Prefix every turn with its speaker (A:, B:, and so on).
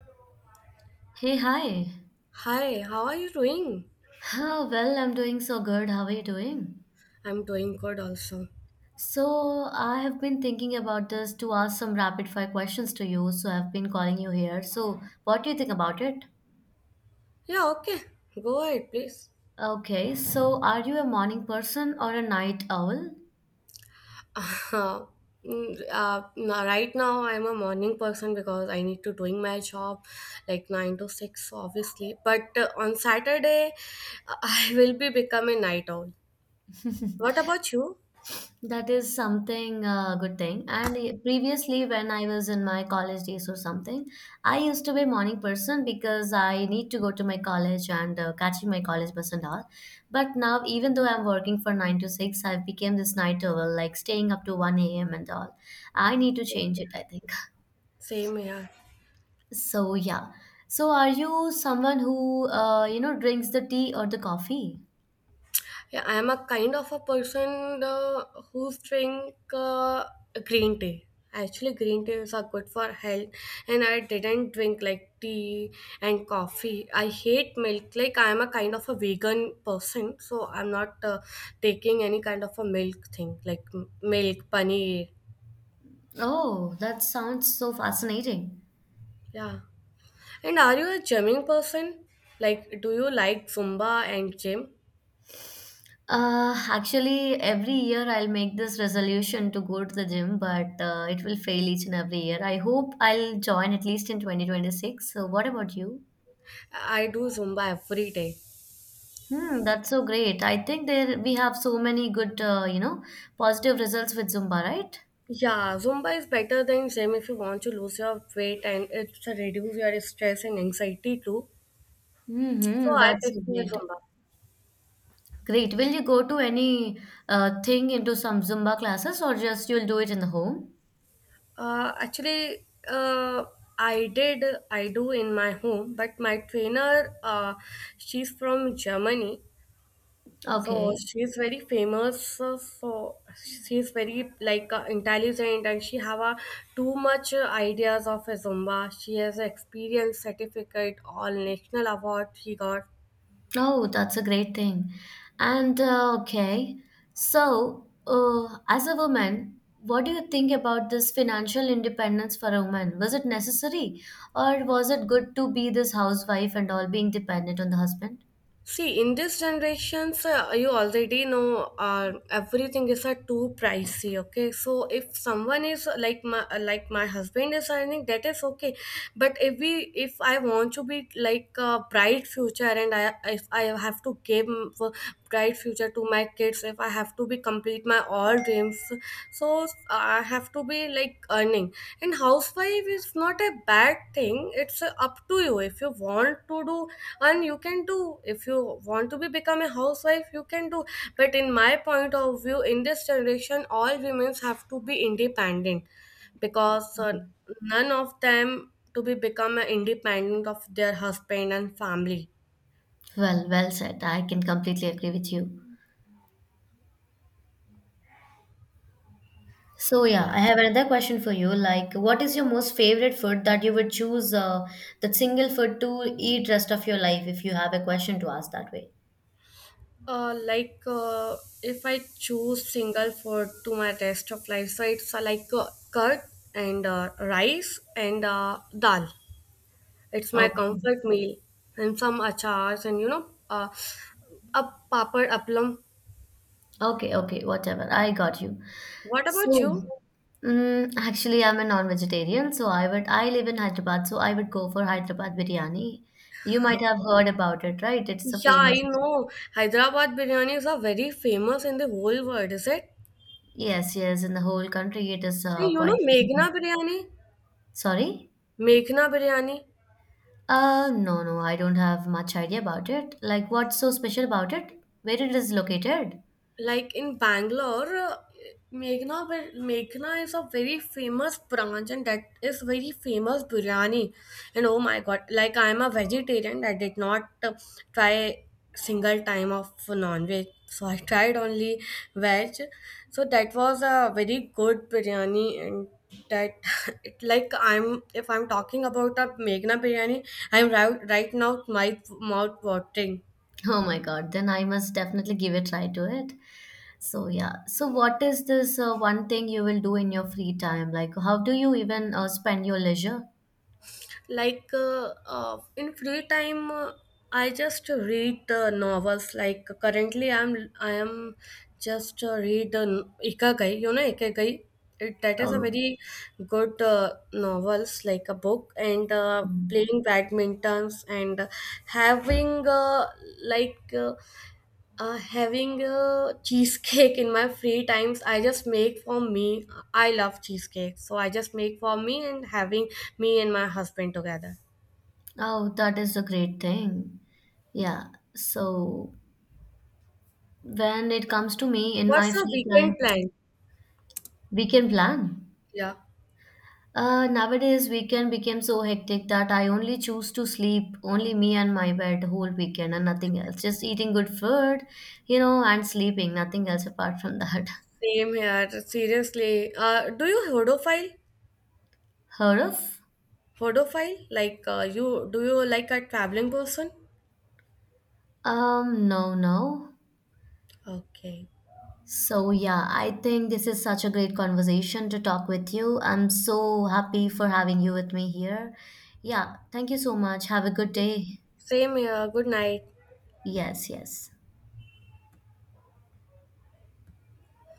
A: Hey, hi.
B: Hi, how are you doing?
A: Well, I'm doing so good. How are you doing?
B: I'm doing good also.
A: So, I have been thinking about this to ask some rapid fire questions to you. So, I've been calling you here. So, what do you think about it?
B: Yeah, okay. Go ahead, please.
A: Okay, so are you a morning person or a night owl?
B: Uh, right now, I'm a morning person because I need to doing my job like 9 to 6, obviously. But on Saturday, I will be become a night owl. What about you?
A: That is something good thing. Previously, when I was in my college days or something, I used to be a morning person because I need to go to my college and catching my college bus and all. But now, even though I'm working for 9 to 6, I've become this night owl, like staying up to one a.m. and all. I need to change it, I think.
B: Same here.
A: So yeah. So are you someone who drinks the tea or the coffee?
B: Yeah, I am a kind of a person who's drink green tea. Actually, green teas are good for health, and I didn't drink like tea and coffee. I hate milk. Like I am a kind of a vegan person, so I'm not taking any kind of a milk thing, like milk, paneer.
A: Oh, that sounds so fascinating.
B: Yeah. And are you a gymming person? Like, do you like Zumba and gym?
A: Actually, every year I'll make this resolution to go to the gym, but it will fail each and every year. I hope I'll join at least in 2026. So, what about you?
B: I do Zumba every day.
A: Hmm, that's so great. I think there we have so many good, positive results with Zumba, right?
B: Yeah, Zumba is better than gym if you want to lose your weight and it reduce your stress and anxiety too. So
A: Mm-hmm,
B: I
A: that's so
B: prefer
A: great.
B: Zumba.
A: Great. Will you go to any thing into some Zumba classes or just you'll do it in the home?
B: Uh, actually, uh, I did, I do in my home, but my trainer, she's from Germany, so
A: Okay.
B: she's very famous. So she's very like intelligent, and she have a too much ideas of a Zumba. She has experience certificate, all national award she got.
A: Oh, that's a great thing. And okay, so as a woman, what do you think about this financial independence for a woman? Was it necessary, or was it good to be this housewife and all being dependent on the husband?
B: See, in this generations, you already know everything is too pricey. Okay, so if someone is like my husband is earning, that is okay. But if I want to be like a bright future and I if I have to give for bright future to my kids, if I have to be complete my all dreams, so I have to be like earning, and housewife is not a bad thing. It's up to you. If you want to do and you can do, if you want to be become a housewife, you can do. But in my point of view, in this generation, all women have to be independent, because none of them to be become independent of their husband and family.
A: Well, well said. I can completely agree with you. So yeah,
B: Yeah.
A: I have another question for you. Like, what is your most favorite food that you would choose that single food to eat rest of your life if you have a question to ask that way?
B: Uh, like uh, if I choose single for to my rest of life, so it's curd and rice and dal. It's my
A: Okay.
B: comfort meal and some achars, and a papad appam.
A: Okay, okay, whatever. I got you.
B: What
A: So,
B: about you?
A: actually, I'm a non-vegetarian, so I live in Hyderabad, so I would go for Hyderabad biryani. You might have heard about it, right? It's a
B: Yeah,
A: famous.
B: I know Hyderabad biryanis are very famous in the whole world, is it?
A: Yes, yes, in the whole country, it is
B: And you know
A: quite famous.
B: Meghna biryani,
A: Sorry?
B: Meghna biryani.
A: No, no, I don't have much idea about it. Like, what's so special about it? Where it is located?
B: Like in Bangalore, Meghna is a very famous branch and that is very famous biryani. And oh my God, like I'm a vegetarian, I did not try single time of non-veg. So I tried only veg. So that was a very good biryani, and that it like I'm if I'm talking about a Meghna biryani, I'm right now my mouth watering.
A: Oh my God, then I must definitely give a try to it. So yeah. So what is this one thing you will do in your free time? Like, how do you even spend your leisure?
B: In free time, I just read novels. Like currently, I am just read ikigai, you know ikigai, that is a
A: Oh.
B: very good novels like a book, and
A: Mm.
B: playing badmintons, and having like uh, having a cheesecake. In my free times, I just make for me. I love cheesecake, so I just make for me and having me and my husband together.
A: Oh, that is a great thing. Yeah. So when it comes to me in
B: What's
A: my
B: your
A: free time,
B: weekend plan?
A: we can plan.
B: Yeah,
A: Nowadays weekend became so hectic that I only choose to sleep only me and my bed whole weekend and nothing else. Just eating good food, you know, and sleeping, nothing else apart from that.
B: same here. Seriously, do you hodophile?
A: Heard of?
B: Hodophile? Like you do you like a traveling person?
A: No, no.
B: Okay.
A: So, yeah, I think this is such a great conversation to talk with you. I'm so happy for having you with me here. Yeah, thank you so much. Have a good day.
B: Same here. Good night.
A: Yes, yes.